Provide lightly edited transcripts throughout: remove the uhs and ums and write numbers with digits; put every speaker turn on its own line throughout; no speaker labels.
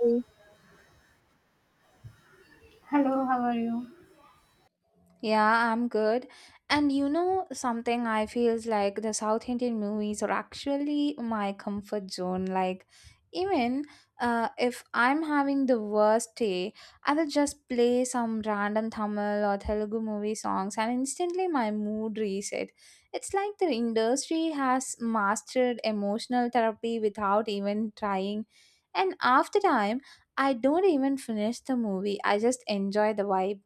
Hey.
Hello, how are you?
Yeah, I'm good. And you know, something I feels like the South Indian movies are actually my comfort zone. Like, even if I'm having the worst day, I will just play some random Tamil or Telugu movie songs, and instantly my mood reset. It's like the industry has mastered emotional therapy without even trying. And after time, I don't even finish the movie. I just enjoy the vibe.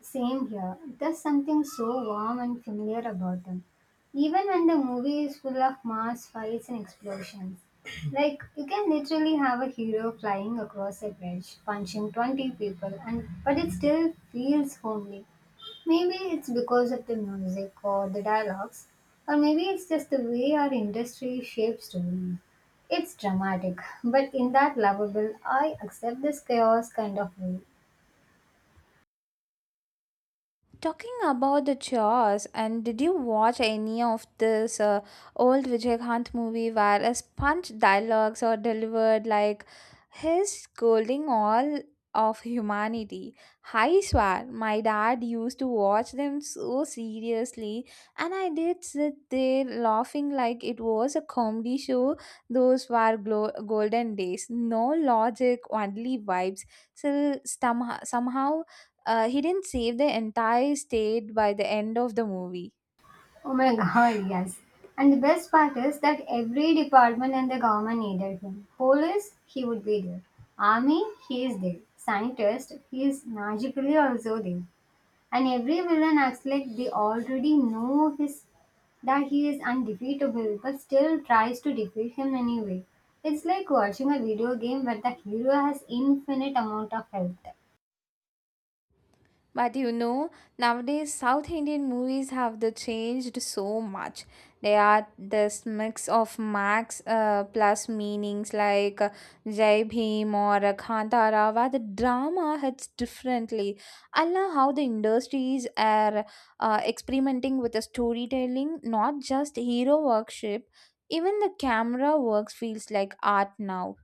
Same here. There's something so warm and familiar about them. Even when the movie is full of mass fights and explosions. Like, you can literally have a hero flying across a bridge, punching 20 people, and but it still feels homely. Maybe it's because of the music or the dialogues, or maybe it's just the way our industry shapes stories. It's dramatic, but in that lovable, I accept this chaos kind of way.
Talking about the chores, and did you watch any of this old Vijayakanth movie where a sponge dialogues are delivered like his scolding all of humanity? I swear, my dad used to watch them so seriously, and I did sit there laughing like it was a comedy show. Those were golden days, no logic, only vibes. So somehow, somehow, he didn't save the entire state by the end of the movie.
Oh my god, yes. And the best part is that every department in the government needed him. Police, he would be there. Army, he is there. Scientist, he is magically also there. And every villain acts like they already know his that he is undefeatable but still tries to defeat him anyway. It's like watching a video game where the hero has infinite amount of health.
But you know, nowadays South Indian movies have the changed so much. They are this mix of max plus meanings like Jai Bhim or Kantara, where the drama hits differently. I love how the industries are experimenting with the storytelling, not just hero worship. Even the camera works feels like art now.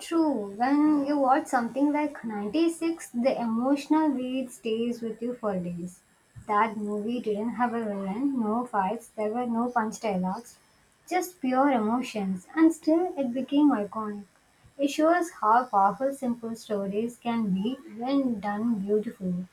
True, when you watch something like 96, the emotional beat stays with you for days. That movie didn't have a villain, no fights, there were no punch dialogues, just pure emotions, and still it became iconic. It shows how powerful simple stories can be when done beautifully.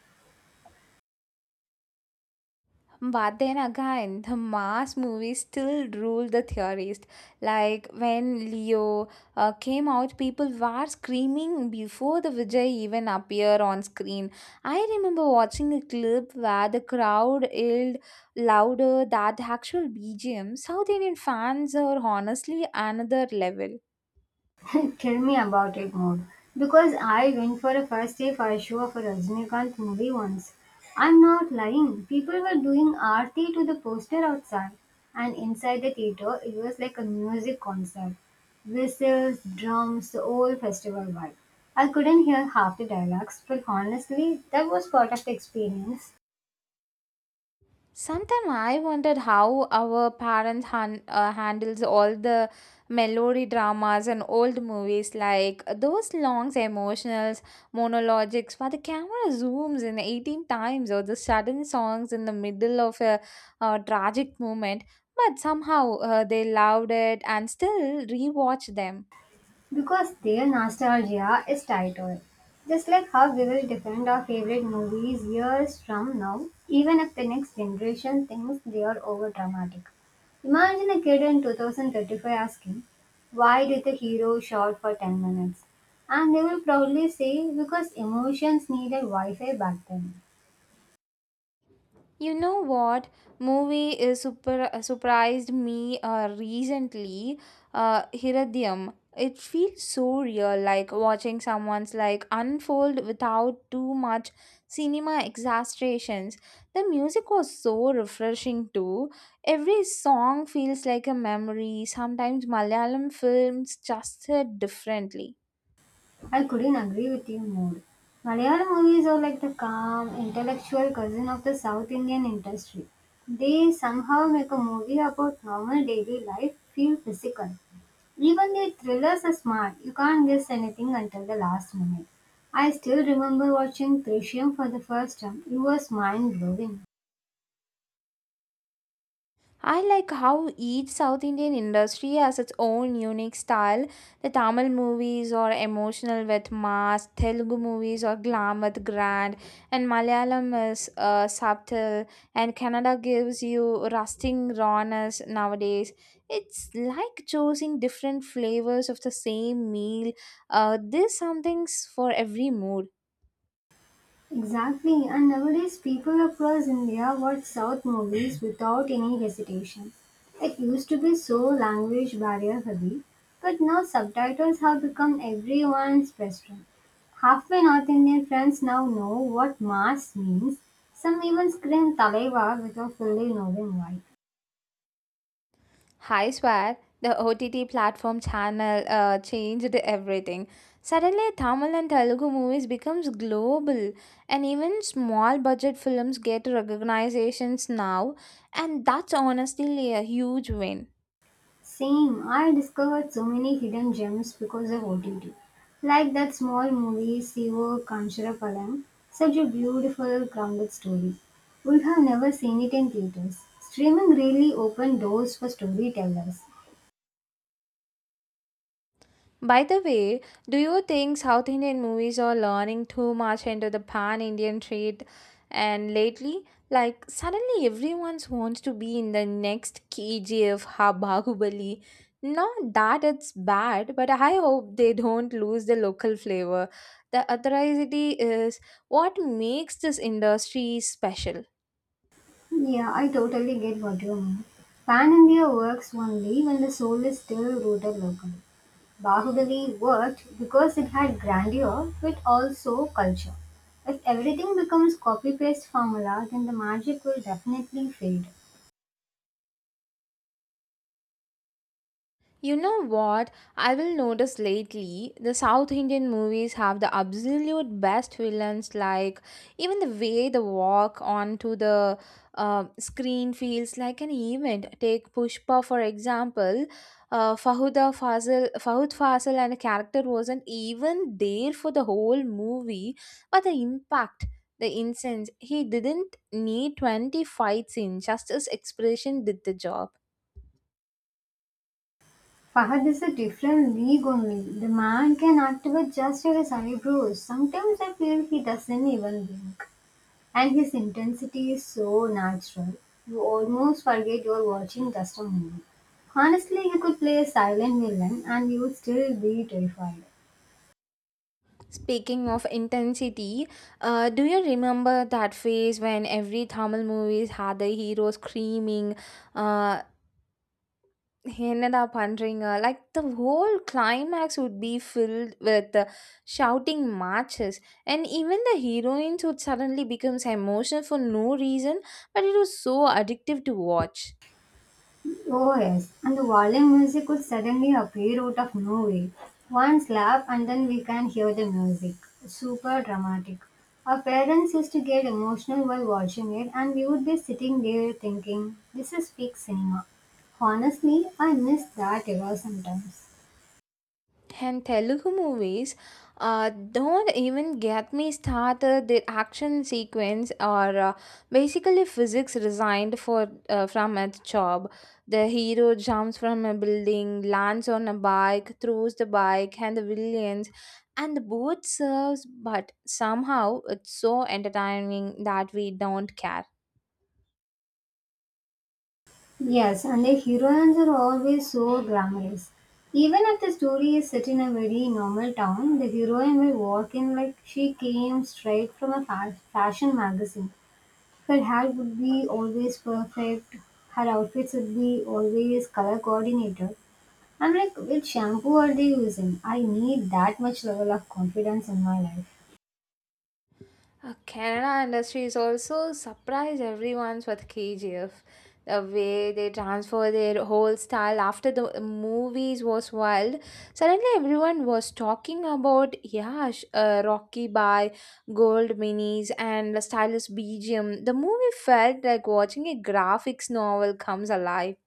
But then again, the mass movies still rule the theorist. Like when Leo came out, people were screaming before the Vijay even appeared on screen. I remember watching a clip where the crowd yelled louder than the actual BGM. South Indian fans are honestly another level.
Tell me about it more. Because I went for a first day for a show of a Rajinikanth movie once. I'm not lying. People were doing aarti to the poster outside, and inside the theater, it was like a music concert. Whistles, drums, the old festival vibe. I couldn't hear half the dialogues, but honestly, that was part of the experience.
Sometimes I wondered how our parents handles all the melody dramas and old movies like those long emotionals, monologues where the camera zooms in 18 times or the sudden songs in the middle of a, tragic moment. But somehow, they loved it and still rewatch them.
Because their nostalgia is tied to it. Just like how we will defend our favorite movies years from now, even if the next generation thinks they are over dramatic. Imagine a kid in 2035 asking, why did the hero shout for 10 minutes? And they will proudly say, because emotions needed Wi Fi back then.
You know what movie is super surprised me recently? Hiridium. It feels so real, like watching someone's like unfold without too much cinema exaggerations. The music was so refreshing too. Every song feels like a memory. Sometimes Malayalam films just hit differently.
I couldn't agree with you more. Malayalam movies are like the calm, intellectual cousin of the South Indian industry. They somehow make a movie about normal daily life feel physical. Even their thrillers are smart. You can't guess anything until the last minute. I still remember watching Trishyam for the first time. It was mind blowing.
I like how each South Indian industry has its own unique style. The Tamil movies are emotional with mass, Telugu movies are glam with grand, and Malayalam is subtle, and Kannada gives you rusting rawness nowadays. It's like choosing different flavors of the same meal. There's something for every mood.
Exactly, and nowadays people across India watch South movies without any hesitation. It used to be so language barrier heavy, but now subtitles have become everyone's best friend. Half my North Indian friends now know what mass means. Some even scream Talaiva without fully knowing why.
I swear, the OTT platform channel changed everything. Suddenly, Tamil and Telugu movies becomes global, and even small budget films get recognitions now, and that's honestly a huge win.
Same, I discovered so many hidden gems because of OTT. Like that small movie, Sivo Kancharapalam, such a beautiful, grounded story. Would have never seen it in theaters. Streaming really opened doors for storytellers.
By the way, do you think South Indian movies are learning too much into the pan Indian trade? And lately, like suddenly everyone wants to be in the next KGF ha Bahubali. Not that it's bad, but I hope they don't lose the local flavor. The authenticity is what makes this industry special.
Yeah, I totally get what you mean. Pan India works only when the soul is still rooted local. Bahubali worked because it had grandeur but also culture. If everything becomes copy paste formula, then the magic will definitely fade.
You know what? I will notice lately the South Indian movies have the absolute best villains. Like even the way they walk onto the screen feels like an event. Take Pushpa for example. Fahud Fazil, and the character wasn't even there for the whole movie, but the impact. The incense, he didn't need 20 fights in, just his expression did the job.
Fahad is a different league only. The man can act with just his eyebrows. Sometimes I feel he doesn't even blink. And his intensity is so natural. You almost forget you're watching just a movie. Honestly, he could play a silent villain and you would still be terrified.
Speaking of intensity, do you remember that phase when every Tamil movies had the hero screaming? Uh, he ended up wondering, like the whole climax would be filled with shouting matches, and even the heroines would suddenly become emotional for no reason, but it was so addictive to watch.
Oh yes, and the violin music would suddenly appear out of nowhere. One slap and then we can hear the music. Super dramatic. Our parents used to get emotional while watching it and we would be sitting there thinking, this is peak cinema. Honestly, I miss that era sometimes.
And Telugu movies don't even get me started. Their action sequence are basically physics resigned for from its job. The hero jumps from a building, lands on a bike, throws the bike, and the villains, and both serves. But somehow it's so entertaining that we don't care.
Yes, and the heroines are always so glamorous. Even if the story is set in a very normal town, the heroine will walk in like she came straight from a fashion magazine. Her hair would be always perfect, her outfits would be always color coordinated. I'm like, which shampoo are they using? I need that much level of confidence in my life.
Kannada industry is also surprised everyone's with KGF. The way they transfer their whole style after the movies was wild. Suddenly, everyone was talking about yeah, Rocky by Gold Minis and the stylish BGM. The movie felt like watching a graphics novel comes alive.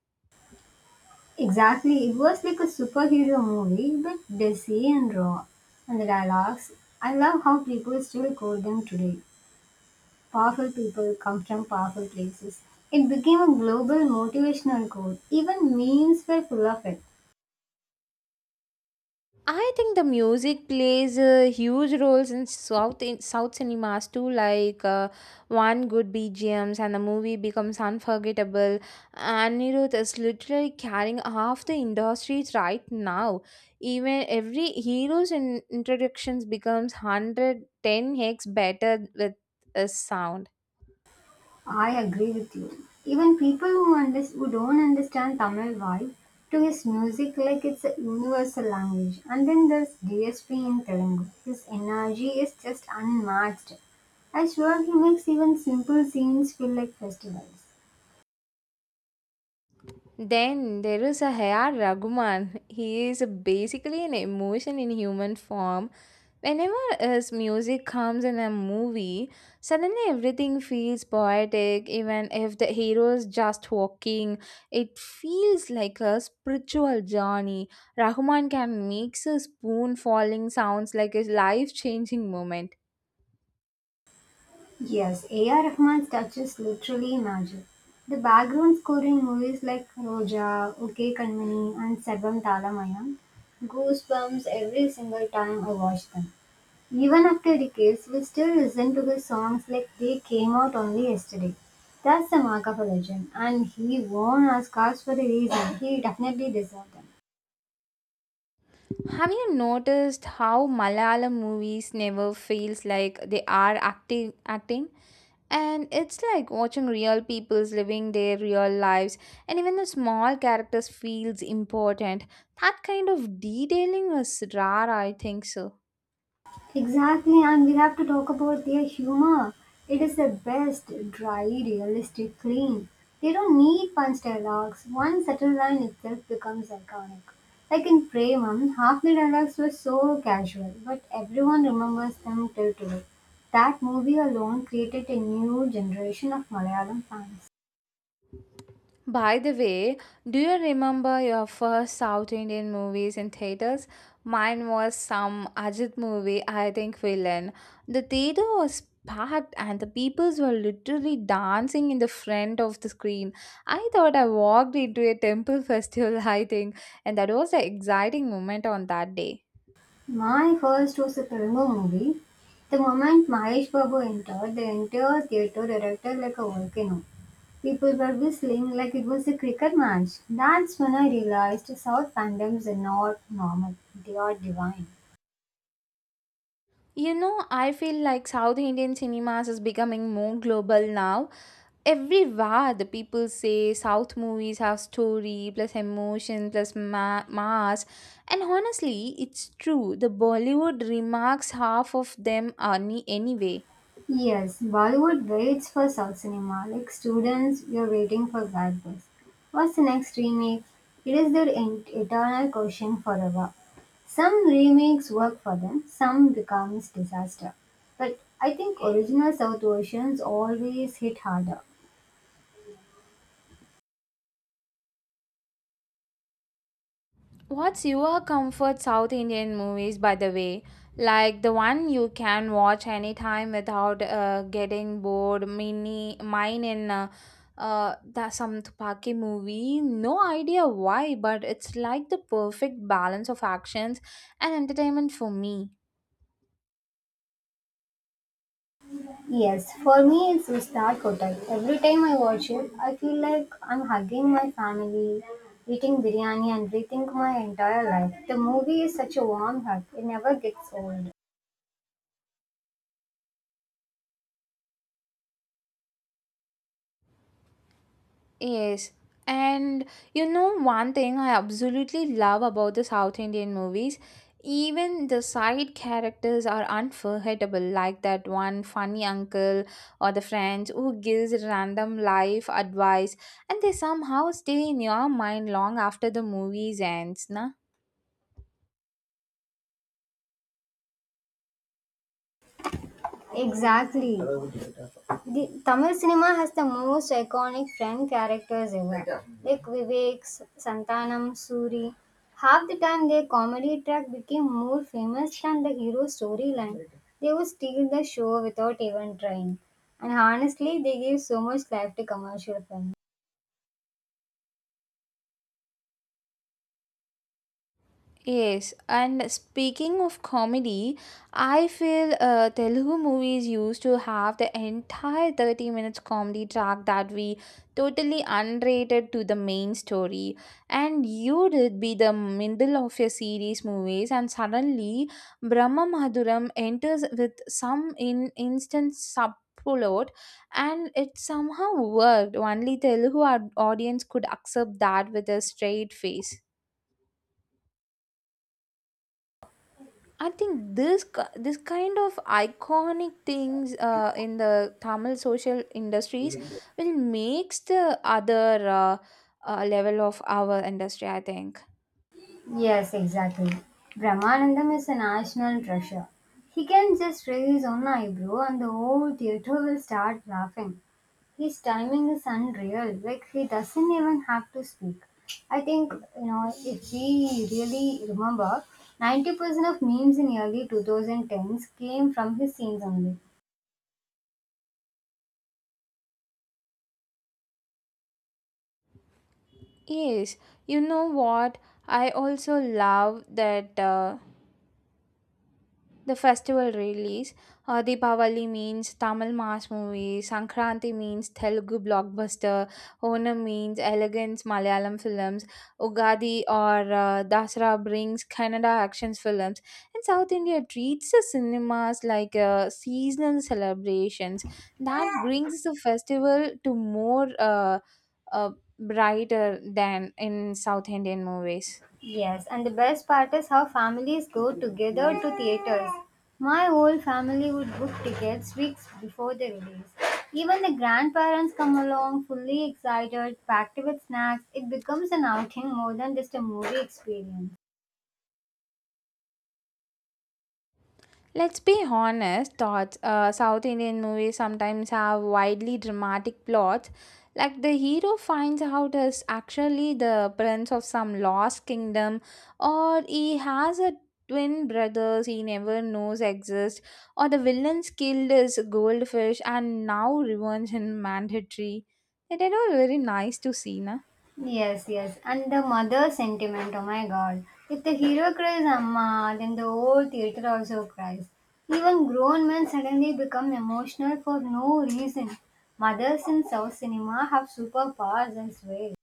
Exactly, it was like a superhero movie, but desi and raw. And the dialogues, I love how people still quote them today. Powerful people come from powerful places. It became a global motivational quote. Even memes were full of it.
I think the music plays huge roles in South cinemas too. Like one good B G M's and the movie becomes unforgettable. Anirudh is literally carrying half the industries right now. Even every hero's introductions becomes 110 x better with a sound.
I agree with you. Even people who don't understand Tamil vibe to his music like it's a universal language. And then there's DSP in Telugu. His energy is just unmatched. I swear he makes even simple scenes feel like festivals.
Then there is a A.R. Rahman. He is basically an emotion in human form. Whenever his music comes in a movie, suddenly everything feels poetic. Even if the hero is just walking, it feels like a spiritual journey. Rahman can make a spoon falling sounds like a life changing moment.
Yes, A.R. Rahman's touch is literally magic. The background score in movies like Roja, OK Kanmani and Sagam Talamayam goosebumps every single time I watch them. Even after decades, we still listen to the songs like they came out only yesterday. That's the mark of a legend, and he won Oscars for a reason. He definitely deserved them.
Have you noticed how Malayalam movies never feels like they are acting? And it's like watching real people's living their real lives, and even the small characters feels important. That kind of detailing is rare, I think so.
Exactly, and we have to talk about their humor. It is the best, dry, realistic, clean. They don't need punch dialogues. One subtle line itself becomes iconic. Like in Premam, half the dialogues were so casual, but everyone remembers them till today. That movie alone created a new generation of Malayalam fans.
By the way, do you remember your first South Indian movies in theaters? Mine was some Ajit movie, I think villain. The theater was packed and the peoples were literally dancing in the front of the screen. I thought I walked into a temple festival, I think, and that was an exciting moment on that day.
My first was a Telugu movie. The moment Mahesh Babu entered, the entire theatre erupted like a volcano. People were whistling like it was a cricket match. That's when I realized South fandoms are not normal, they are divine.
You know, I feel like South Indian cinemas is becoming more global now, everywhere the people say south movies have story plus emotion plus mass, and honestly it's true the bollywood remarks half of them are anyway.
Yes, Bollywood waits for South cinema like students, you're waiting for bad boys. What's the next remake? It is their eternal question forever. Some remakes work for them, some becomes disaster. But I think original South versions always hit harder.
What's your comfort South Indian movies, by the way? Like the one you can watch anytime without getting bored. Mine in the some Tupaki movie. No idea why, but it's like the perfect balance of actions and entertainment for me.
Yes, for me it's Ustad Kotak. Every time I watch it, I feel like I'm hugging my family, eating biryani and rethink my entire life. The movie is such a warm hug, it never gets old.
Yes. And you know, one thing I absolutely love about the South Indian movies, even the side characters are unforgettable, like that one funny uncle or the friends who gives random life advice, and they somehow stay in your mind long after the movies ends. Na?
Exactly. The Tamil cinema has the most iconic friend characters ever. Like Vivek, Santanam, Suri. Half the time their comedy track became more famous than the hero storyline. They would steal the show without even trying. And honestly, they gave so much life to commercial films.
Yes, and speaking of comedy, I feel Telugu movies used to have the entire 30 minutes comedy track that we totally unrated to the main story. And you did be the middle of your series movies, and suddenly Brahma Madhuram enters with some in instant subplot, and it somehow worked. Only Telugu audience could accept that with a straight face. I think this kind of iconic things in the Tamil social industries will makes the other level of our industry. I think
Yes, exactly. Brahmanandam is a national treasure. He can just raise one eyebrow and the whole theatre will start laughing. His timing is unreal. Like he doesn't even have to speak. I think you know if we really remember, 90% of memes in early 2010s came from his scenes only.
yes, you know what, I also love that. The festival release. Deepavali means Tamil mass movie, Sankranti means Telugu blockbuster, Onam means elegance Malayalam films, Ugadi or Dasara brings Kannada action films, and South India treats the cinemas like seasonal celebrations. That brings the festival to more uh, brighter than in South Indian movies.
Yes, and the best part is how families go together to theaters. My whole family would book tickets weeks before the release. Even the grandparents come along fully excited, packed with snacks. It becomes an outing more than just a movie experience.
Let's be honest, thoughts. South Indian movies sometimes have widely dramatic plots, like the hero finds out is actually the prince of some lost kingdom, or he has a twin brothers he never knows exist, or the villain's killed is goldfish and now revenge in mandatory. It is all very nice to see, na.
Yes, yes. And the mother sentiment, oh my god. If the hero cries Amma, then the whole theater also cries. Even grown men suddenly become emotional for no reason. Mothers in South cinema have superpowers, I swear.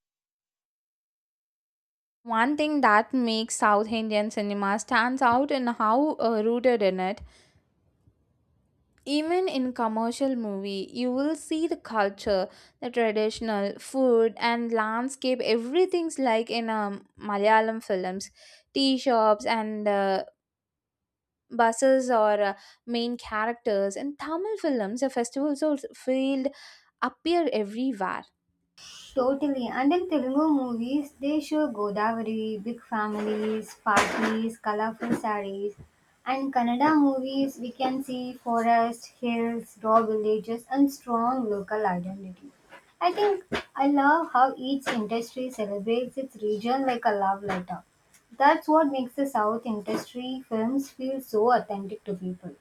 One thing that makes South Indian cinema stands out in how rooted in it. Even in commercial movie, you will see the culture, the traditional food and landscape. Everything's like in Malayalam films, tea shops and buses are main characters. In Tamil films, the festivals also field appear everywhere.
Totally. And in Telugu movies, they show Godavari, big families, parties, colorful sarees. And Kannada movies, we can see forest, hills, raw villages, and strong local identity. I think I love how each industry celebrates its region like a love letter. That's what makes the South industry films feel so authentic to people.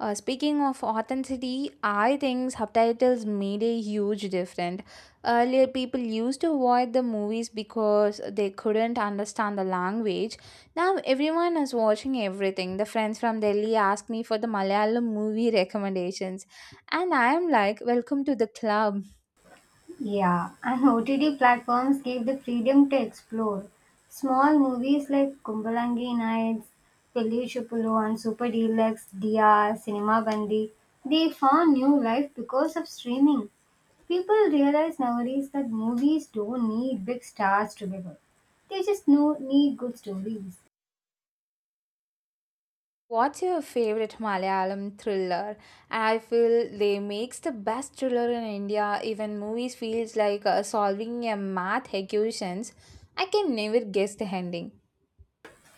Speaking of authenticity, I think subtitles made a huge difference. Earlier, people used to avoid the movies because they couldn't understand the language. Now, everyone is watching everything. The friends from Delhi ask me for the Malayalam movie recommendations, and I am like, "Welcome to the club."
Yeah, and OTT platforms give the freedom to explore. Small movies like Kumbalangi Nights, Pelli Chupulu, and Super Deluxe, DR, Cinema Bandi, they found new life because of streaming. People realize nowadays that movies don't need big stars to be good. They just know, need good stories.
What's your favorite Malayalam thriller? And I feel they makes the best thriller in India. Even movies feels like solving a math equations. I can never guess the ending.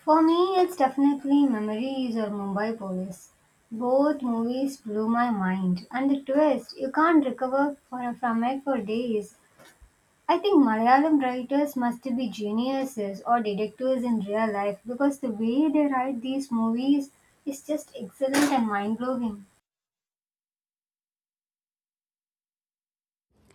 For me, it's definitely Memories or Mumbai Police. Both movies blew my mind, and the twist you can't recover for, from it for days. I think Malayalam writers must be geniuses or detectives in real life because the way they write these movies is just excellent and mind blowing.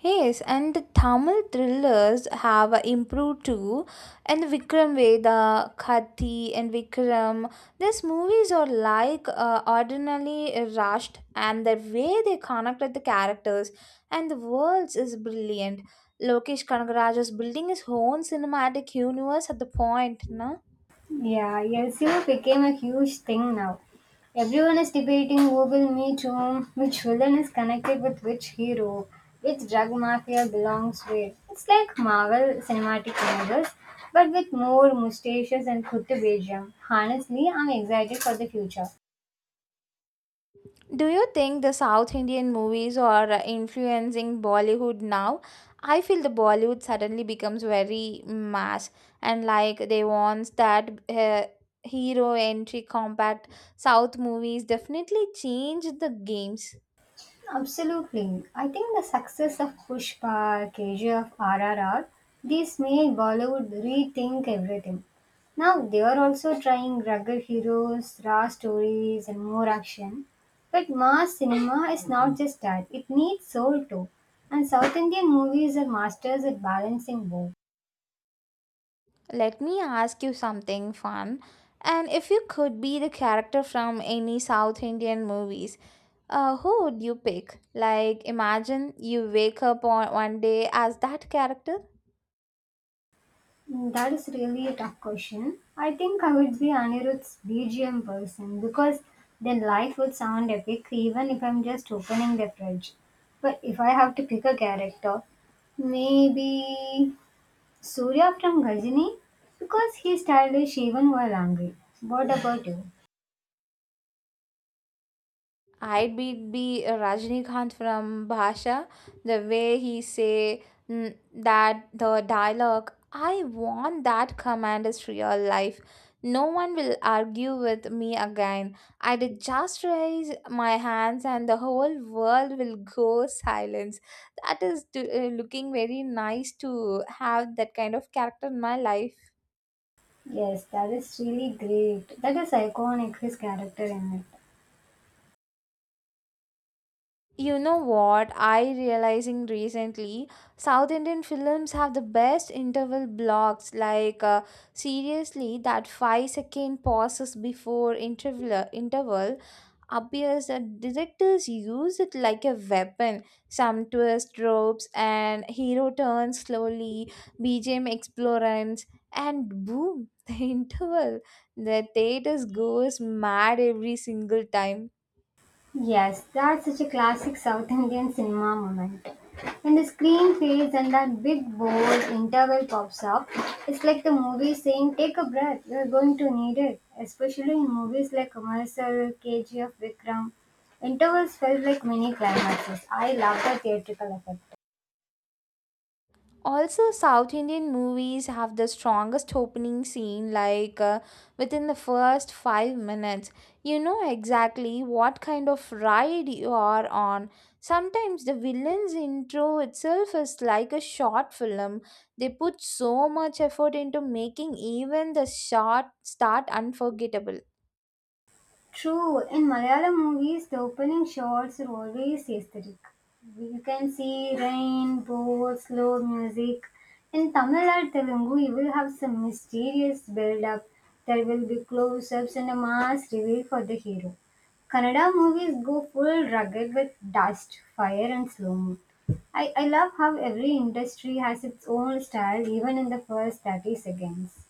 Yes, and the Tamil thrillers have improved too. And Vikram Veda, Kathi, and Vikram. These movies are like ordinarily rushed, and the way they connected the characters and the worlds is brilliant. Lokesh Kanagaraj is building his own cinematic universe at the point, no?
Yeah, LCO became a huge thing now. Everyone is debating who will meet whom, which villain is connected with which hero, which drug mafia belongs where. It's like Marvel cinematic universe, but with more mustaches and kutte. Honestly, I'm excited for the future.
Do you think the South Indian movies are influencing Bollywood now? I feel the Bollywood suddenly becomes very mass, and like they want that hero entry compact. South movies definitely change the games.
Absolutely. I think the success of Pushpa, KGF, RRR, these made Bollywood rethink everything. Now they are also trying rugged heroes, raw stories, and more action. But mass cinema is not just that, it needs soul too. And South Indian movies are masters at balancing both.
Let me ask you something fun. And if you could be the character from any South Indian movies, who would you pick? Like, imagine you wake up on one day as that character.
Mm, that is really a tough question. I think I would be Anirudh's BGM person because then life would sound epic even if I'm just opening the fridge. But if I have to pick a character, maybe Surya from Ghazini because he's stylish even while angry. What about you?
I'd be Rajnikant from Bhasha, the way he say mm, that the dialogue, I want that command is real life. No one will argue with me again. I'd just raise my hands and the whole world will go silence. That is to, looking very nice to have that kind of character in my life.
Yes, that is really great. That is iconic, his character in it.
You know what I realizing recently? South Indian films have the best interval blocks. Like seriously, that 5 second pauses before interval appears that directors use it like a weapon. Some twist ropes and hero turns slowly, BGM explorants, and boom, the interval. The theaters goes mad every single time.
Yes, that's such a classic South Indian cinema moment. When the screen fades and that big bold interval pops up, it's like the movie saying, take a breath, you're going to need it. Especially in movies like Commercial, KGF, Vikram, intervals felt like mini climaxes. I love the theatrical effect.
Also, South Indian movies have the strongest opening scene, like within the first 5 minutes. You know exactly what kind of ride you are on. Sometimes the villain's intro itself is like a short film. They put so much effort into making even the short start unforgettable.
True, in Malayalam movies, the opening shots are always aesthetic. You can see rain, boats, slow music. In Tamil or Telugu, you will have some mysterious build-up. There will be close-ups and a mass reveal for the hero. Kannada movies go full rugged with dust, fire, and slow-mo. I love how every industry has its own style even in the first 30 seconds.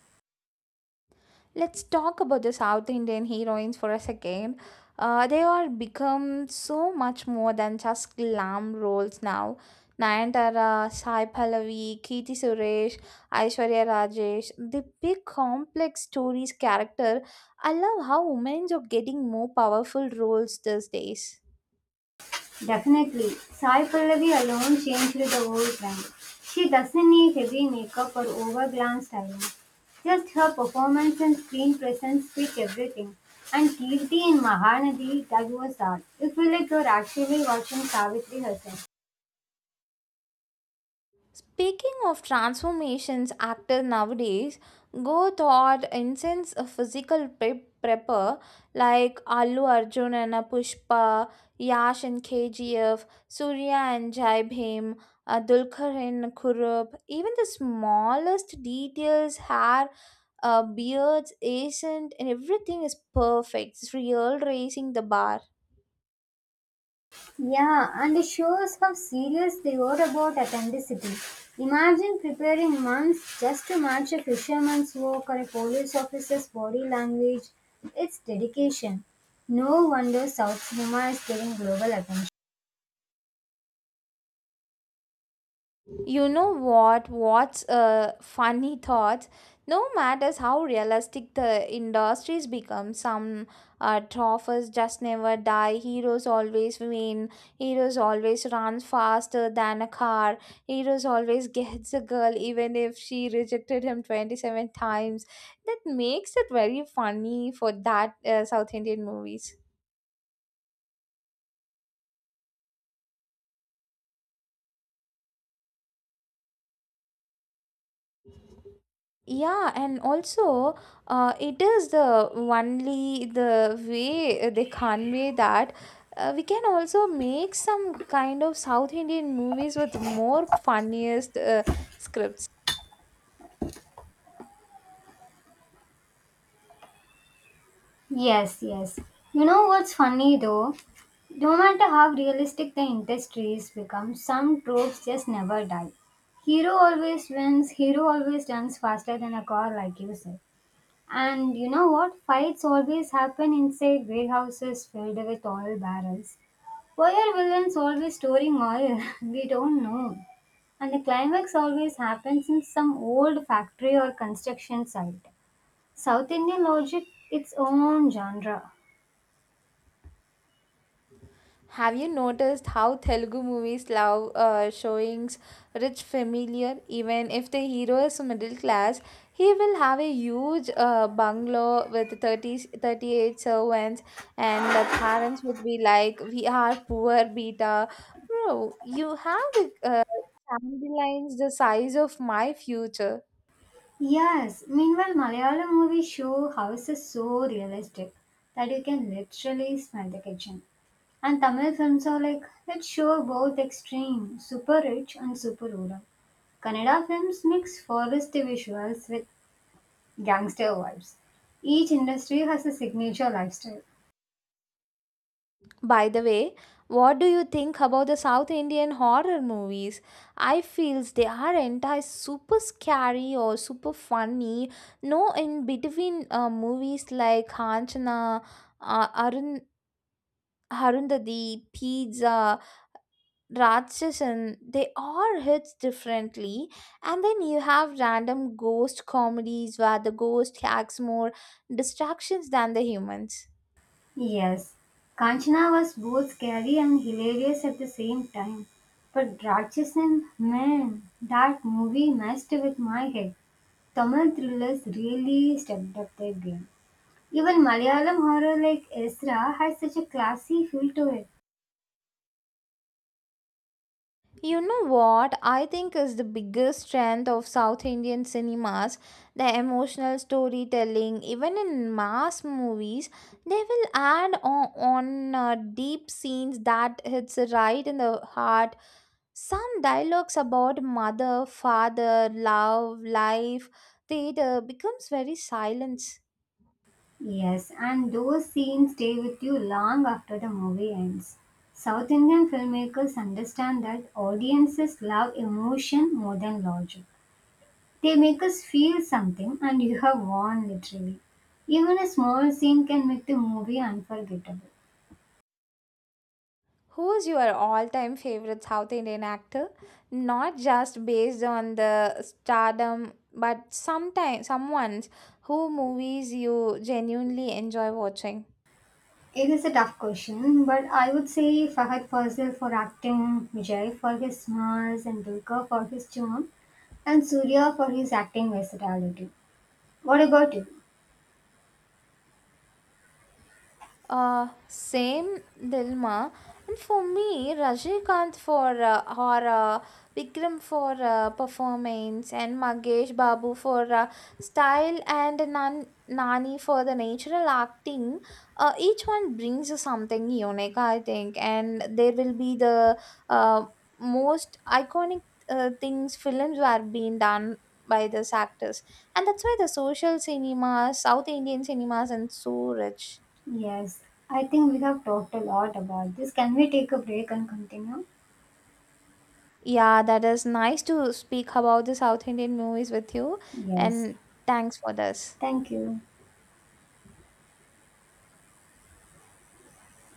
Let's talk about the South Indian heroines for a second. They are become so much more than just glam roles now. Nayanthara, Sai Pallavi, Kirti Suresh, Aishwarya Rajesh, they pick complex stories, character. I love how women are getting more powerful roles these days.
Definitely, Sai Pallavi alone changed the whole brand. She doesn't need heavy makeup or overglam styling. Just her performance and screen presence speak everything. And Kirti in Mahanadi, that was art. You feel like you're actually watching Savitri herself.
Speaking of transformations, actors nowadays go toward intense physical prepper like Allu Arjun and Pushpa, Yash and KGF, Surya and Jai Bhim, Dulkar and Kurup. Even the smallest details, hair, beards, accent, and everything is perfect. It's real raising the bar.
Yeah, and it shows how serious they were about authenticity. Imagine preparing months just to match a fisherman's walk or a police officer's body language. It's dedication. No wonder South cinema is getting global attention.
You know what? What's a funny thought? No matters how realistic the industries become, some trophies just never die. Heroes always win. Heroes always runs faster than a car. Heroes always gets a girl, even if she rejected him 27 times. That makes it very funny for that South Indian movies. Yeah, and also, it is the only the way they convey that we can also make some kind of South Indian movies with more funniest scripts.
Yes, yes. You know what's funny though? No matter how realistic the industries become, some tropes just never die. Hero always wins, hero always runs faster than a car, like you said. And you know what? Fights always happen inside warehouses filled with oil barrels. Why are villains always storing oil? We don't know. And the climax always happens in some old factory or construction site. South Indian logic, its own genre.
Have you noticed how Telugu movies love showings rich familiar? Even if the hero is middle class, he will have a huge bungalow with thirty eight servants, and the parents would be like, We are poor, beta. Bro, you have the timelines the size of my future.
Yes, meanwhile, Malayalam movies show houses so realistic that you can literally smell the kitchen. And Tamil films are like, let's show both extreme, super rich and super rural. Kannada films mix forest visuals with gangster vibes. Each industry has a signature lifestyle.
By the way, what do you think about the South Indian horror movies? I feels they are entire super scary or super funny. No, in between movies like Kanchana, Arun, Harundadi, Pizza, Ratchasan, they all hits differently. And then you have random ghost comedies where the ghost acts more distractions than the humans.
Yes, Kanchana was both scary and hilarious at the same time. But Rakchasan, man, that movie messed with my head. Tamil thrillers really stepped up their game. Even Malayalam horror like Ezra has such a classy feel to it.
You know what I think is the biggest strength of South Indian cinemas, the emotional storytelling. Even in mass movies, they will add on deep scenes that hits right in the heart. Some dialogues about mother, father, love, life, theater becomes very silent.
Yes, and those scenes stay with you long after the movie ends. South Indian filmmakers understand that audiences love emotion more than logic. They make us feel something, and you have won literally. Even a small scene can make the movie unforgettable.
Who's your all time favorite South Indian actor? Not just based on the stardom, but sometimes someone who movies you genuinely enjoy watching.
It is a tough question, but I would say Fahad Fazil for acting, Vijay for his smiles, and Dulka for his charm, and Surya for his acting versatility. What about you?
Same dilemma. And for me, Rajnikant for horror, Vikram for performance, and Magesh Babu for style, and Nani for the natural acting. Each one brings you something unique, I think, and there will be the uh, most iconic things films were being done by these actors, and that's why the social cinema, South Indian cinemas, and so rich.
Yes, I think we have talked a lot about this. Can we take a break and continue?
Yeah, that is nice to speak about the South Indian movies with you,
Yes.
and thanks for this.
Thank you.